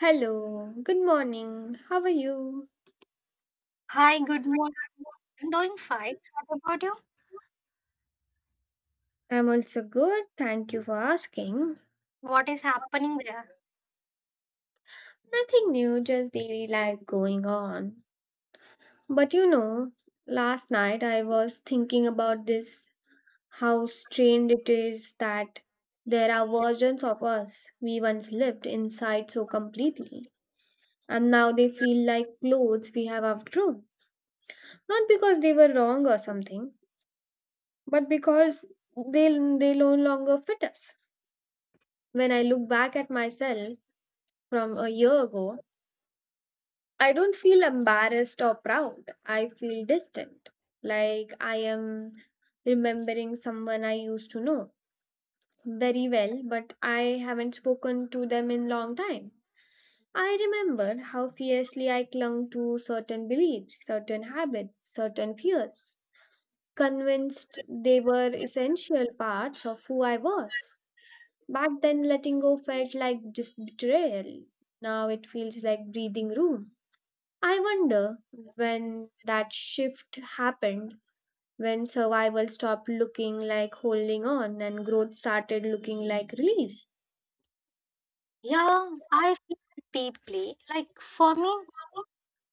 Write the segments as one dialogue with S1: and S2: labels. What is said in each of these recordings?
S1: Hello, good morning. How are you?
S2: Hi, good morning. I'm doing fine. What about you?
S1: I'm also good. Thank you for asking.
S2: What is happening there?
S1: Nothing new, just daily life going on. But you know, last night I was thinking about this, how strange it is that there are versions of us we once lived inside so completely, and now they feel like clothes we have outgrown. Not because they were wrong or something, but because they, they no longer fit us. When I look back at myself from a year ago, I don't feel embarrassed or proud. I feel distant, like I am remembering someone I used to know very well, but I haven't spoken to them in long time. I remember how fiercely I clung to certain beliefs, certain habits, certain fears, convinced they were essential parts of who I was. Back then, letting go felt like just betrayal. Now it feels like breathing room. I wonder when that shift happened, when survival stopped looking like holding on and growth started looking like release.
S2: Yeah, I feel deeply. Like for me,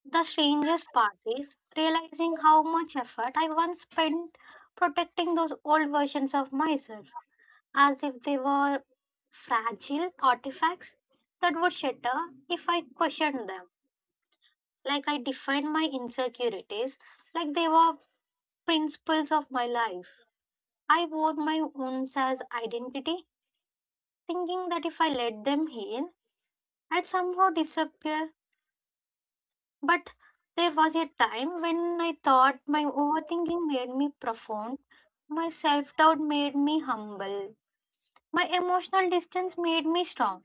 S2: the strangest part is realizing how much effort I once spent protecting those old versions of myself as if they were fragile artifacts that would shatter if I questioned them. Like I defined my insecurities like they were principles of my life. I wore my wounds as identity thinking that if I let them heal, I'd somehow disappear. But there was a time when I thought my overthinking made me profound, my self doubt made me humble, my emotional distance made me strong.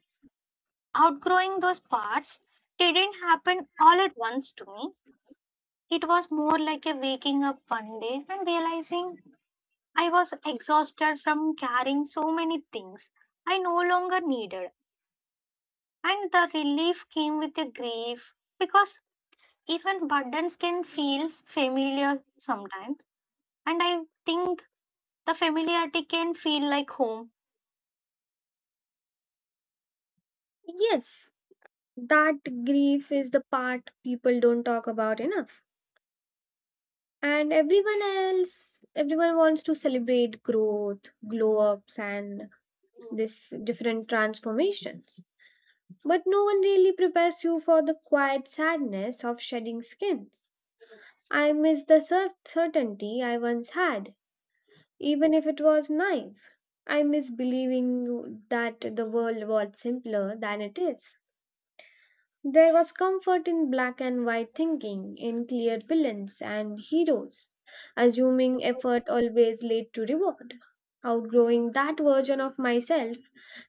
S2: Outgrowing those parts didn't happen all at once to me. It was more like a waking up one day and realizing I was exhausted from carrying so many things I no longer needed. And the relief came with the grief because even burdens can feel familiar sometimes. And I think the familiarity can feel like home.
S1: Yes, that grief is the part people don't talk about enough. And everyone else, everyone wants to celebrate growth, glow ups, and this different transformations. But no one really prepares you for the quiet sadness of shedding skins. I miss the certainty I once had, even if it was naive. I miss believing that the world was simpler than it is. There was comfort in black and white thinking, in clear villains and heroes, assuming effort always led to reward. Outgrowing that version of myself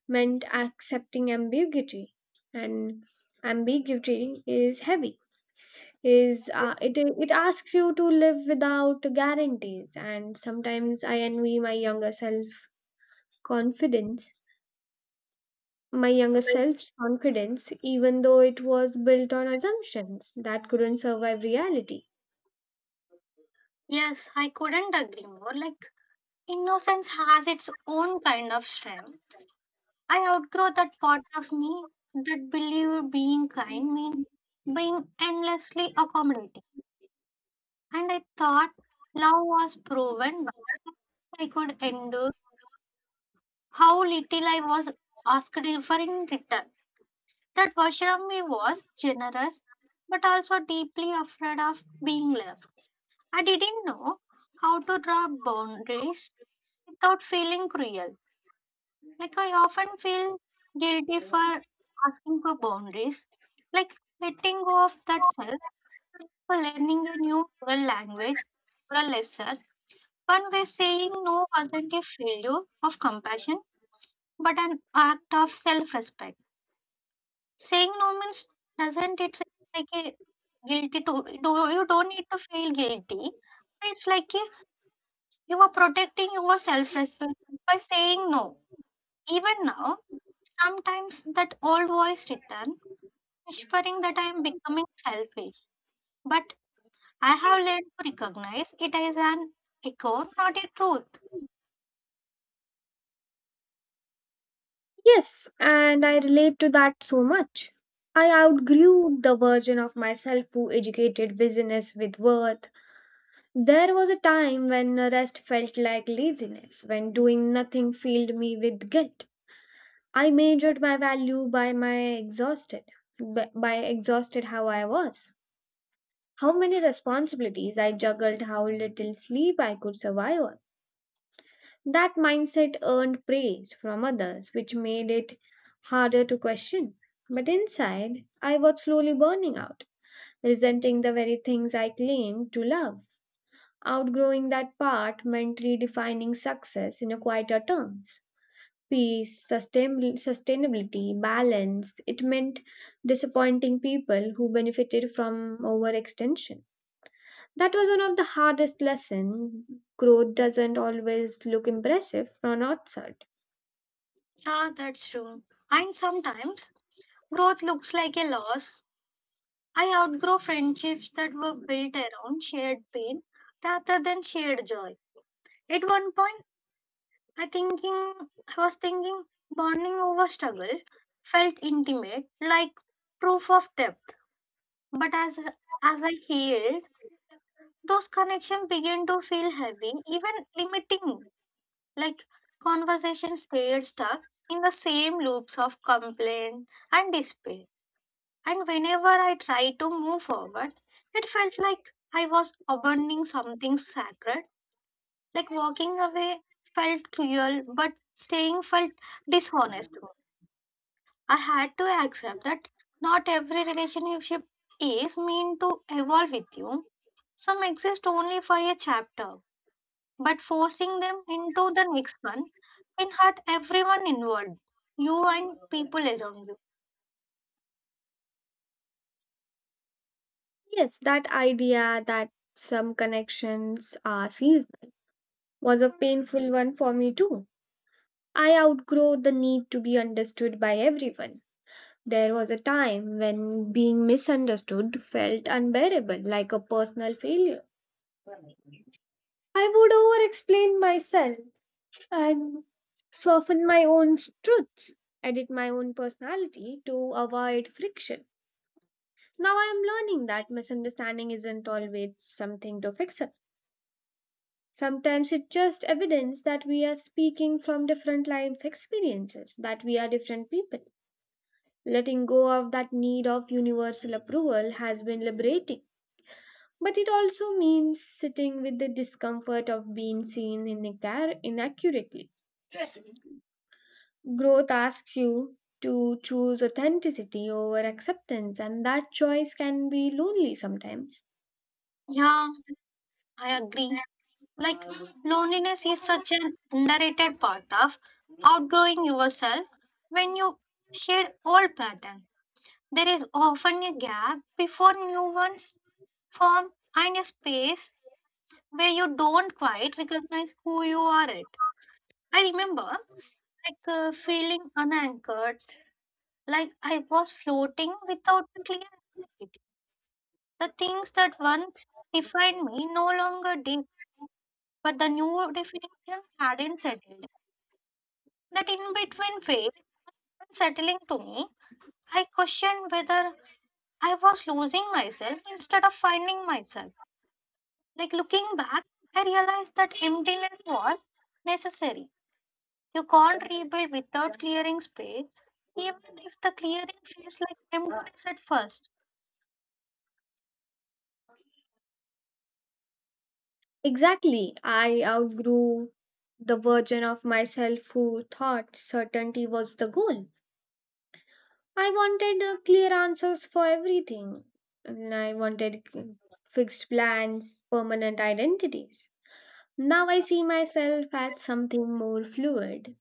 S1: meant accepting ambiguity, and ambiguity is heavy. Is it? It asks you to live without guarantees, and sometimes I envy confidence my younger self's confidence, even though it was built on assumptions that couldn't survive reality.
S2: Yes, I couldn't agree more. Like, innocence has its own kind of strength. I outgrow that part of me that believed being kind mean being endlessly accommodating. And I thought love was proven, but I could endure how little I was asked for in return. That version of me was generous but also deeply afraid of being loved. I didn't know how to draw boundaries without feeling cruel. Like I often feel guilty for asking for boundaries, like letting go of that self for learning a new oral language or a lesson. One way saying no wasn't a failure of compassion, but an act of self respect. Saying no means doesn't it's like a guilty to do you don't need to feel guilty. It's like a, you are protecting your self respect by saying no. Even now, sometimes that old voice returns, whispering that I am becoming selfish. But I have learned to recognize it as an echo, not a truth.
S1: Yes, and I relate to that so much. I outgrew the version of myself who educated business with worth. There was a time when rest felt like laziness, when doing nothing filled me with guilt. I measured my value by exhausted how I was, how many responsibilities I juggled, how little sleep I could survive on. That mindset earned praise from others, which made it harder to question. But inside, I was slowly burning out, resenting the very things I claimed to love. Outgrowing that part meant redefining success in a quieter terms. Peace, sustainability, balance, it meant disappointing people who benefited from overextension. That was one of the hardest lessons. Growth doesn't always look impressive from outside.
S2: Yeah, that's true. And sometimes growth looks like a loss. I outgrow friendships that were built around shared pain rather than shared joy. At one point, I was thinking bonding over struggle felt intimate, like proof of depth. But as I healed, those connections began to feel heavy, even limiting. Like conversations stayed stuck in the same loops of complaint and despair. And whenever I tried to move forward, it felt like I was abandoning something sacred. Like walking away felt cruel, but staying felt dishonest to me. I had to accept that not every relationship is meant to evolve with you. Some exist only for a chapter, but forcing them into the next one can hurt everyone involved, you and people around you.
S1: Yes, that idea that some connections are seasonal was a painful one for me too. I outgrow the need to be understood by everyone. There was a time when being misunderstood felt unbearable, like a personal failure. I would over explain myself and soften my own truths, edit my own personality to avoid friction. Now I am learning that misunderstanding isn't always something to fix up. Sometimes it's just evidence that we are speaking from different life experiences, that we are different people. Letting go of that need of universal approval has been liberating. But it also means sitting with the discomfort of being seen inaccurately. Growth asks you to choose authenticity over acceptance, and that choice can be lonely sometimes.
S2: Yeah, I agree. Like loneliness is such an underrated part of outgrowing yourself when you shed old pattern. There is often a gap before new ones form and a space where you don't quite recognize who you are at. I remember feeling unanchored, like I was floating without a clear identity. The things that once defined me no longer did, but the new definition hadn't settled that in between phase. Unsettling to me, I questioned whether I was losing myself instead of finding myself. Like looking back, I realized that emptiness was necessary. You can't rebuild without clearing space, even if the clearing feels like emptiness at first.
S1: Exactly. I outgrew the version of myself who thought certainty was the goal. I wanted clear answers for everything. And I wanted fixed plans, permanent identities. Now I see myself as something more fluid.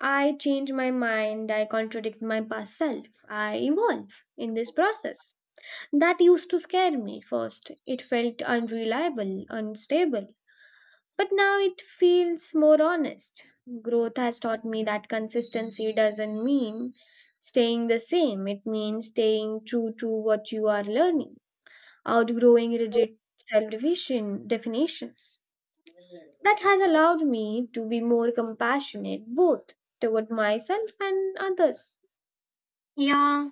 S1: I change my mind, I contradict my past self, I evolve in this process. That used to scare me first. It felt unreliable, unstable. But now it feels more honest. Growth has taught me that consistency doesn't mean staying the same, it means staying true to what you are learning, outgrowing rigid self definitions. That has allowed me to be more compassionate both toward myself and others.
S2: Yeah,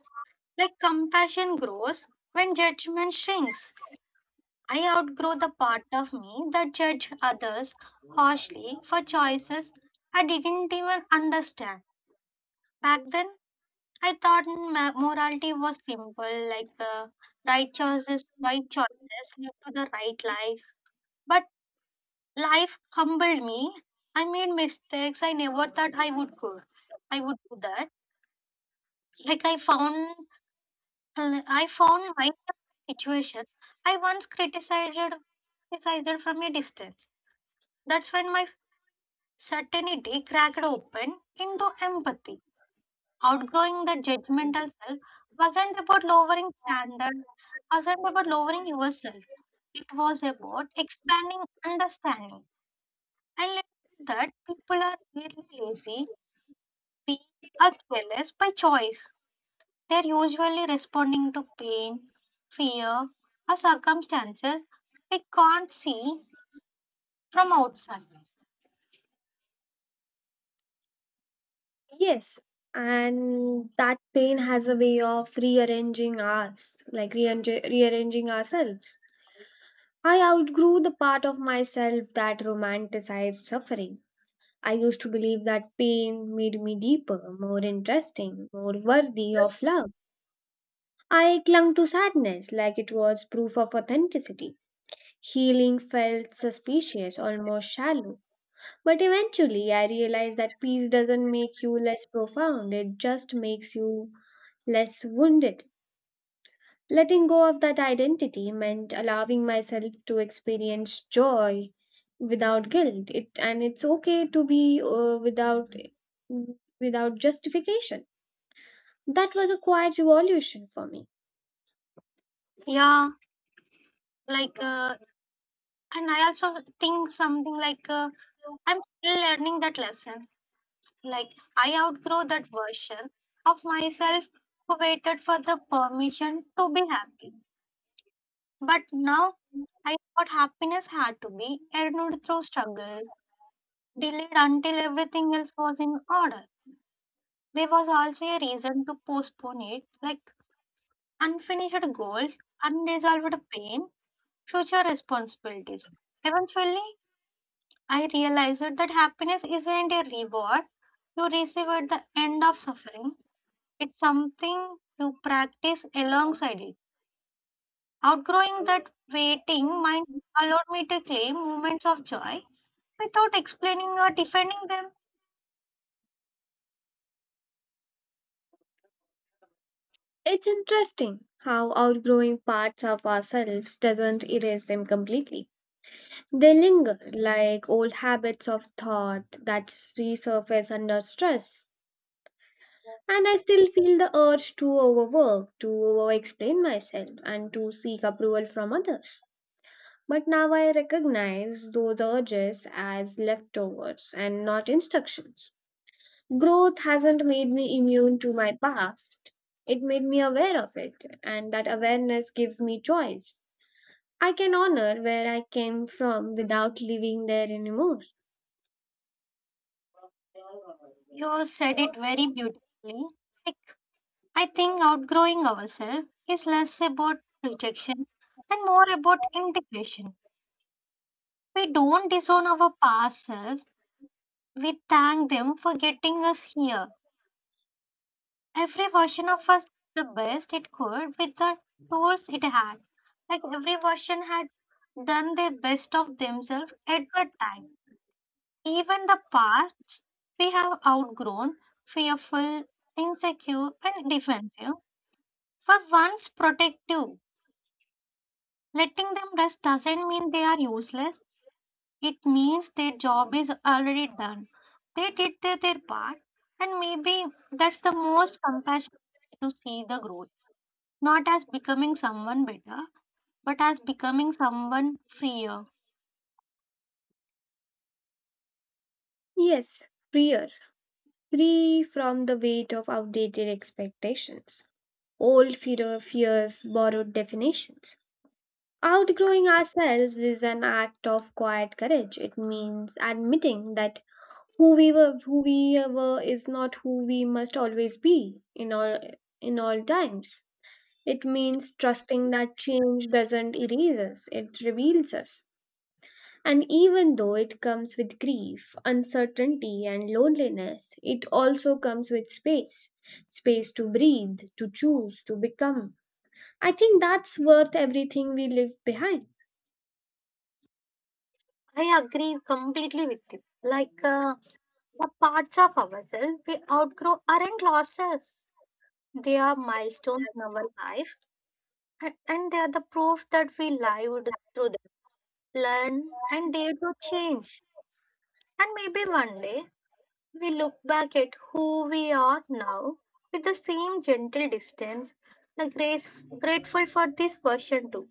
S2: like compassion grows when judgment shrinks. I outgrow the part of me that judged others harshly for choices I didn't even understand. Back then, morality was simple, like uh, right choices lead to the right lives. But life humbled me. I made mistakes. I never thought I would go. I would do that. Like I found my situation. I once criticized from a distance. That's when my certainty cracked open into empathy. Outgrowing that judgmental self wasn't about lowering standards, wasn't about lowering yourself. It was about expanding understanding and learning that people are really lazy, weak, or careless by choice. They're usually responding to pain, fear, or circumstances we can't see from outside.
S1: Yes, and that pain has a way of rearranging us, like rearranging ourselves. I outgrew the part of myself that romanticized suffering. I used to believe that pain made me deeper, more interesting, more worthy of love. I clung to sadness like it was proof of authenticity. Healing felt suspicious, almost shallow. But eventually, I realized that peace doesn't make you less profound, it just makes you less wounded. Letting go of that identity meant allowing myself to experience joy without guilt. It and it's okay to be without justification. That was a quiet revolution for me.
S2: Yeah, like, uh, and I also think something I'm still learning that lesson. Like, I outgrow that version of myself who waited for the permission to be happy. But now I thought happiness had to be earned through struggle, delayed until everything else was in order. There was also a reason to postpone it, like unfinished goals, unresolved pain, future responsibilities. Eventually, I realized that happiness isn't a reward you receive at the end of suffering. It's something to practice alongside it. Outgrowing that waiting mind allowed me to claim moments of joy without explaining or defending them.
S1: It's interesting how outgrowing parts of ourselves doesn't erase them completely. They linger like old habits of thought that resurface under stress. And I still feel the urge to overwork, to over explain myself, and to seek approval from others. But now I recognize those urges as leftovers and not instructions. Growth hasn't made me immune to my past, it made me aware of it, and that awareness gives me choice. I can honor where I came from without living there anymore.
S2: You said it very beautifully. Like, I think outgrowing ourselves is less about rejection and more about integration. We don't disown our past selves, we thank them for getting us here. Every version of us did the best it could with the tools it had. Like every version had done their best of themselves at that time. Even the past we have outgrown, fearful, insecure, and defensive, were once protective. Letting them rest doesn't mean they are useless. It means their job is already done. They did their part, and maybe that's the most compassionate way to see the growth. Not as becoming someone better, but as becoming someone freer.
S1: Yes, freer, free from the weight of outdated expectations. Old fear fears borrowed definitions. Outgrowing ourselves is an act of quiet courage. It means admitting that who we were is not who we must always be in all times. It means trusting that change doesn't erase us, it reveals us. And even though it comes with grief, uncertainty, and loneliness, it also comes with space, space to breathe, to choose, to become. I think that's worth everything we leave behind.
S2: I agree completely with you. The parts of ourselves we outgrow aren't losses. They are milestones in our life, and they are the proof that we lived through them, learned, and dare to change. And maybe one day we look back at who we are now with the same gentle distance, like grace, grateful for this version too.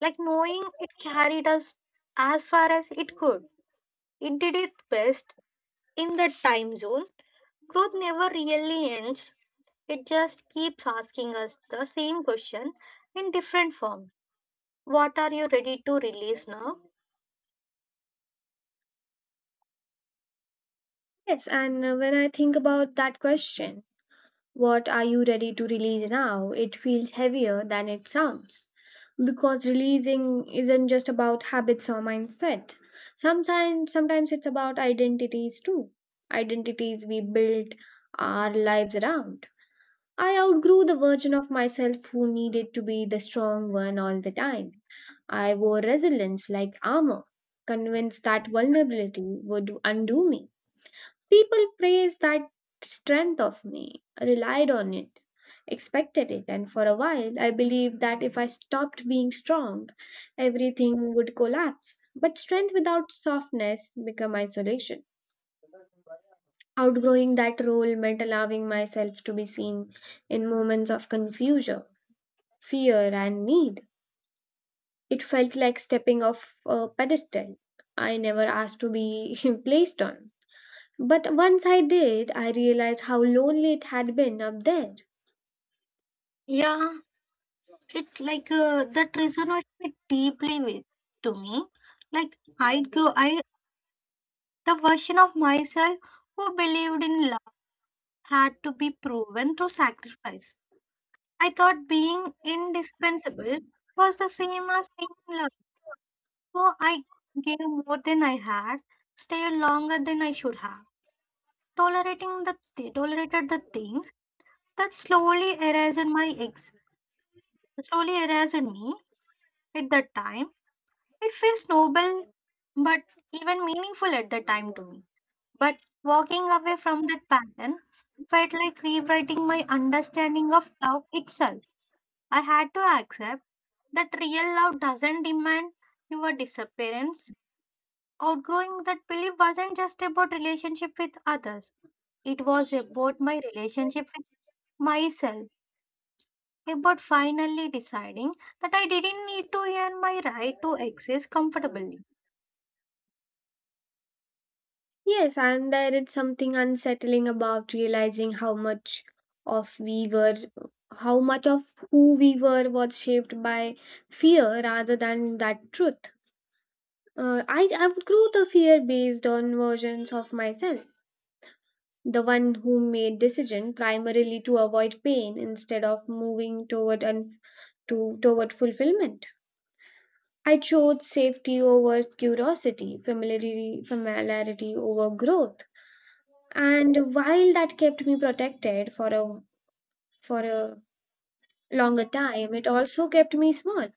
S2: Like knowing it carried us as far as it could. It did its best in that time zone. Growth never really ends. It just keeps asking us the same question in different form. What are you ready to release now?
S1: Yes, and when I think about that question, what are you ready to release now? It feels heavier than it sounds. Because releasing isn't just about habits or mindset. Sometimes it's about identities too. Identities we build our lives around. I outgrew the version of myself who needed to be the strong one all the time. I wore resilience like armor, convinced that vulnerability would undo me. People praised that strength of me, relied on it, expected it, and for a while I believed that if I stopped being strong, everything would collapse. But strength without softness became isolation. Outgrowing that role meant allowing myself to be seen in moments of confusion, fear, and need. It felt like stepping off a pedestal I never asked to be placed on. But once I did, I realized how lonely it had been up there.
S2: Yeah, it that resonated deeply with to me. Like I the version of myself who believed in love had to be proven through sacrifice. I thought being indispensable was the same as being in love. So I gave more than I had, stayed longer than I should have, tolerated the things that slowly erased me at that time. It feels noble but even meaningful at the time to me. But walking away from that pattern felt like rewriting my understanding of love itself. I had to accept that real love doesn't demand your disappearance. Outgrowing that belief wasn't just about relationship with others. It was about my relationship with myself, about finally deciding that I didn't need to earn my right to exist comfortably.
S1: Yes, and there is something unsettling about realizing of we were, how much of who we were was shaped by fear rather than that truth. I would grow the fear based on versions of myself, the one who made decision primarily to avoid pain instead of moving toward unf- to toward fulfillment. I chose safety over curiosity, familiarity over growth. And while that kept me protected for a for a longer time, it also kept me small.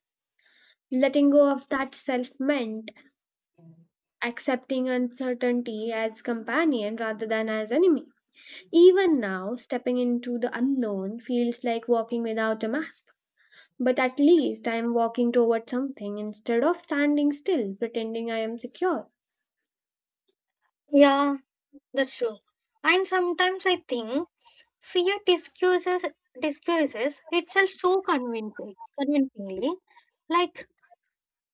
S1: Letting go of that self meant accepting uncertainty as companion rather than as enemy. Even now, stepping into the unknown feels like walking without a map. But at least I am walking toward something instead of standing still, pretending I am secure.
S2: Yeah, that's true. And sometimes I think fear disguises itself so convincingly, like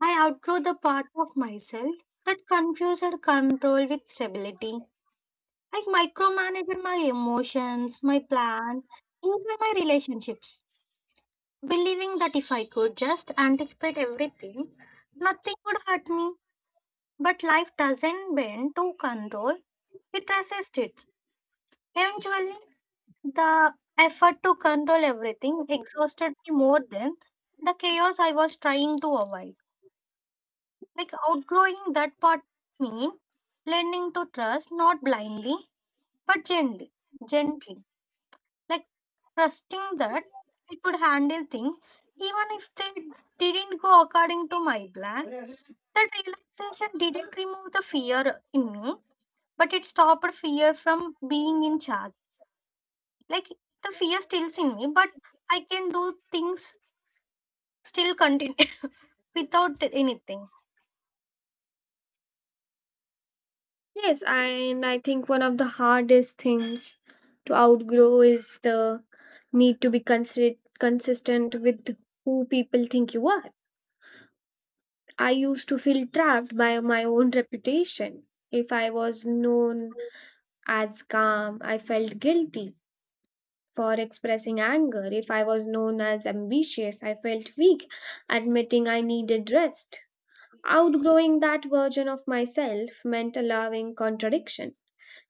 S2: I outgrew the part of myself that confused control with stability. I micromanaged my emotions, my plan, even my relationships, believing that if I could just anticipate everything, nothing would hurt me. But life doesn't bend to control, it resists it. Eventually, the effort to control everything exhausted me more than the chaos I was trying to avoid. Like outgrowing that part mean learning to trust not blindly but gently. Like trusting that I could handle things even if they didn't go according to my plan. That relaxation didn't remove the fear in me, but it stopped fear from being in charge. Like the fear stills in me, but I can do things still continue without anything.
S1: Yes, and I think one of the hardest things to outgrow is the need to be consistent with who people think you are. I used to feel trapped by my own reputation. If I was known as calm, I felt guilty for expressing anger. If I was known as ambitious, I felt weak, admitting I needed rest. Outgrowing that version of myself meant allowing contradiction.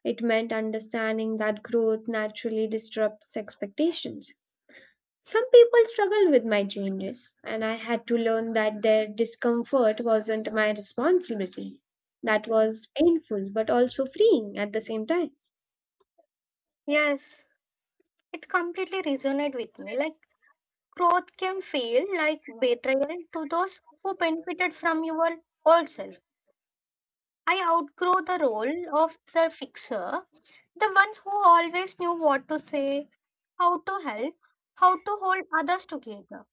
S1: It meant understanding that growth naturally disrupts expectations. Some people struggled with my changes, and I had to learn that their discomfort wasn't my responsibility. That was painful but also freeing at the same time.
S2: Yes, it completely resonate with me. Like growth can feel like betrayal to those who benefited from your old self. I outgrow the role of the fixer, the ones who always knew what to say, how to help, how to hold others together.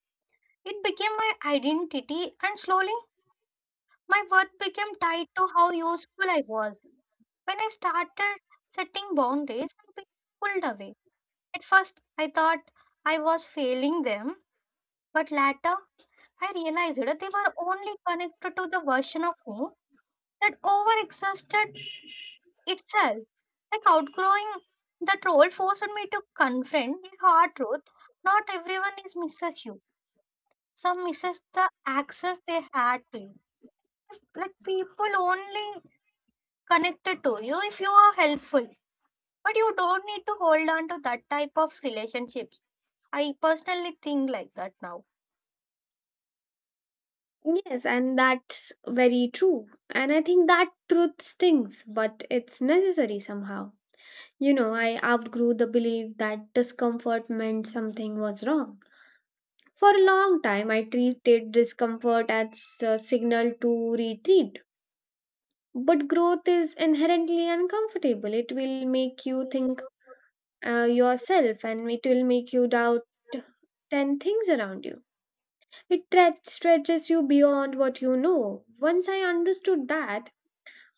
S2: It became my identity, and slowly my worth became tied to how useful I was. When I started setting boundaries, I became pulled away. At first, I thought I was failing them, but later, I realized that they were only connected to the version of me that overexhausted itself. Like outgrowing that role forced me to confront the hard truth. Not everyone is misses you. Some misses the access they had to you. If, like people only connected to you if you are helpful. But you don't need to hold on to that type of relationships. I personally think like that now.
S1: Yes, and that's very true. And I think that truth stings, but it's necessary somehow. You know, I outgrew the belief that discomfort meant something was wrong. For a long time, I treated discomfort as a signal to retreat. But growth is inherently uncomfortable. It will make you think yourself and it will make you doubt 10 things around you. It stretches you beyond what you know. Once I understood that,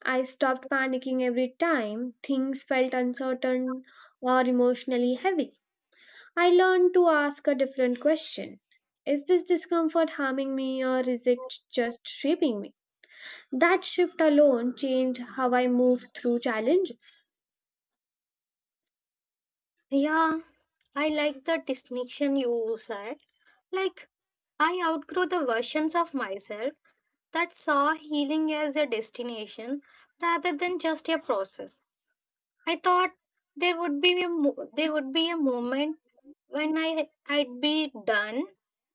S1: I stopped panicking every time things felt uncertain or emotionally heavy. I learned to ask a different question. Is this discomfort harming me or is it just shaping me? That shift alone changed how I moved through challenges.
S2: Yeah, I like the distinction you said. Like I outgrew the versions of myself that saw healing as a destination rather than just a process. I thought there would be a moment when I'd be done,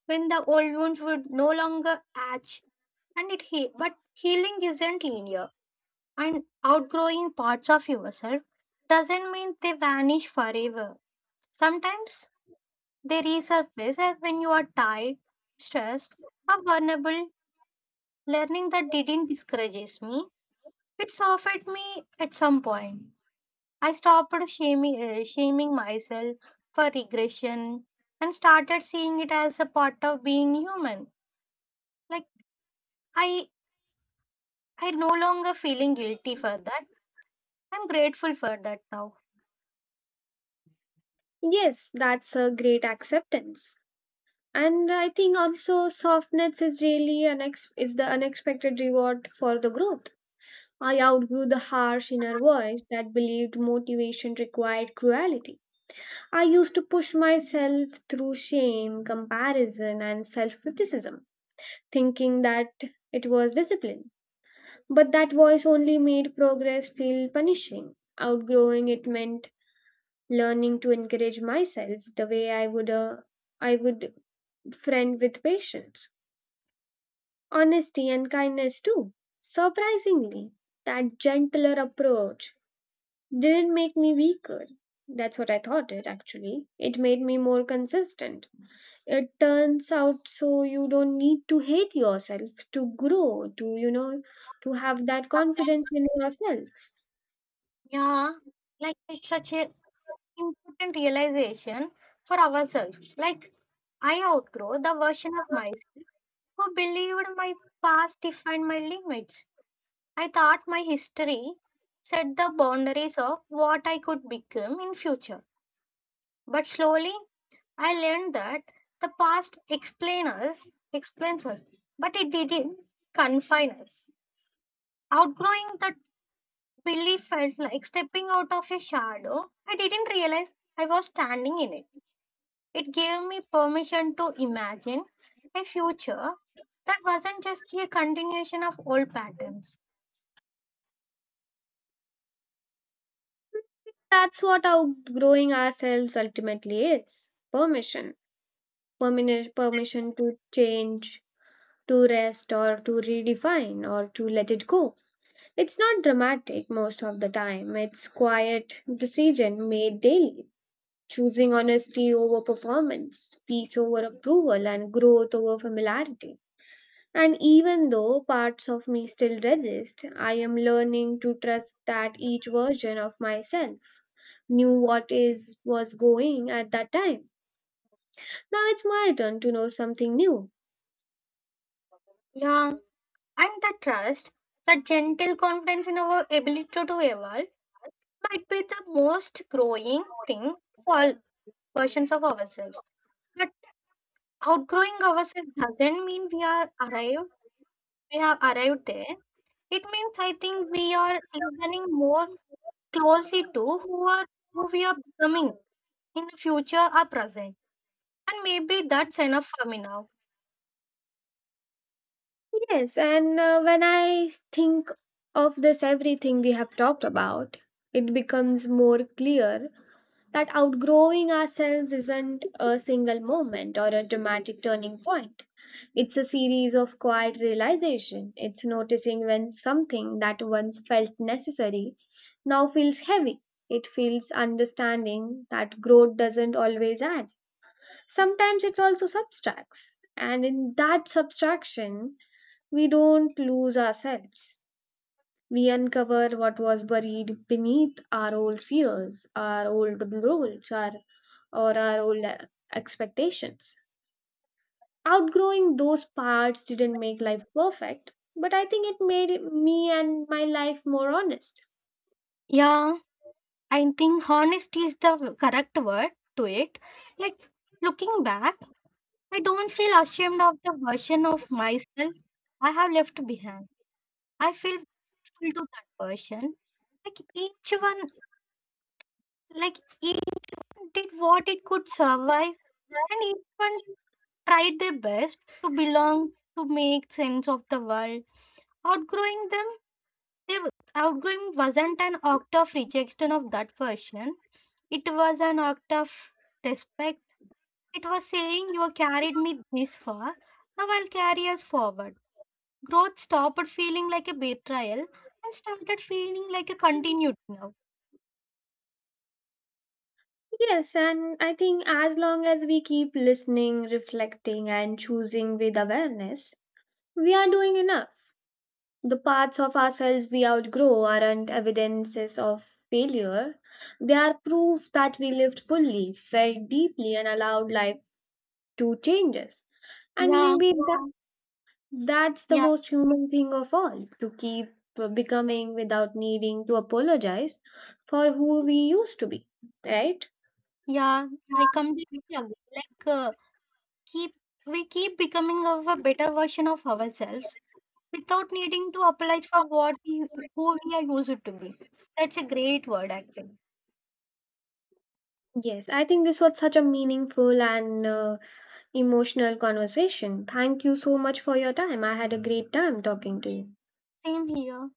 S2: when the old wounds would no longer atch, but healing isn't linear, and outgrowing parts of yourself doesn't mean they vanish forever. Sometimes they resurface as when you are tired, stressed, or vulnerable. Learning that didn't discourages me. It softened me at some point. I stopped shaming myself for regression and started seeing it as a part of being human. Like I, I no longer feeling guilty for that. I'm grateful for that now.
S1: Yes, that's a great acceptance. And I think also softness is really is the unexpected reward for the growth. I outgrew the harsh inner voice that believed motivation required cruelty. I used to push myself through shame, comparison, and self criticism, thinking that it was discipline. But that voice only made progress feel punishing. Outgrowing it meant learning to encourage myself the way I would a I would friend with patience, honesty, and kindness too. Surprisingly, that gentler approach didn't make me weaker. That's what I thought it actually. It made me more consistent, it turns out. So you don't need to hate yourself to grow, to you know, to have that confidence in yourself.
S2: Yeah, like it's such a important realization for ourselves. Like I outgrow the version of myself who believed my past defined my limits. I thought my history set the boundaries of what I could become in future. But slowly I learned that the past explain us, explains us, but it didn't confine us. Outgrowing that belief felt like stepping out of a shadow. I didn't realize I was standing in it. It gave me permission to imagine a future that wasn't just a continuation of old patterns.
S1: That's what outgrowing ourselves ultimately is: permission, permission to change, to rest, or to redefine, or to let it go. It's not dramatic most of the time. It's quiet decision made daily, choosing honesty over performance, peace over approval, and growth over familiarity. And even though parts of me still resist, I am learning to trust that each version of myself knew what is was going at that time. Now it's my turn to know something new.
S2: Yeah, and the trust, the gentle confidence in our ability to evolve, might be the most growing thing for all versions of ourselves. But outgrowing ourselves doesn't mean we are arrived. We have arrived there. It means I think we are listening more closely to who we are becoming in the future or present. And maybe that's enough for me now.
S1: Yes, and when I think of this everything we have talked about, it becomes more clear that outgrowing ourselves isn't a single moment or a dramatic turning point. It's a series of quiet realization. It's noticing when something that once felt necessary now feels heavy. It feels understanding that growth doesn't always add. Sometimes it also subtracts. And in that subtraction, we don't lose ourselves. We uncover what was buried beneath our old fears, our old roles, or our old expectations. Outgrowing those parts didn't make life perfect, but I think it made me and my life more honest.
S2: Yeah, I think honesty is the correct word to it. Like looking back I don't feel ashamed of the version of myself I have left behind. I feel grateful to that person. Like each one, like each did what it could survive, and each one tried their best to belong, to make sense of the world. Outgrowing them, their outgrowing wasn't an act of rejection of that person. It was an act of respect. It was saying, "You carried me this far. Now I'll carry us forward." Growth stopped feeling like a betrayal and started feeling like a continued now.
S1: Yes, and I think as long as we keep listening, reflecting, and choosing with awareness, we are doing enough. The parts of ourselves we outgrow aren't evidences of failure, they are proof that we lived fully, felt deeply, and allowed life to change us. And
S2: Yeah,
S1: maybe that's the
S2: yeah,
S1: most human thing of all, to keep becoming without needing to apologize for who we used to be, right?
S2: yeah, I completely agree. Like, keep we keep becoming of a better version of ourselves without needing to apologize for what we, who we are used to be. That's a great word, actually.
S1: Yes, I think this was such a meaningful and emotional conversation. Thank you so much for your time. I had a great time talking to you.
S2: Same here.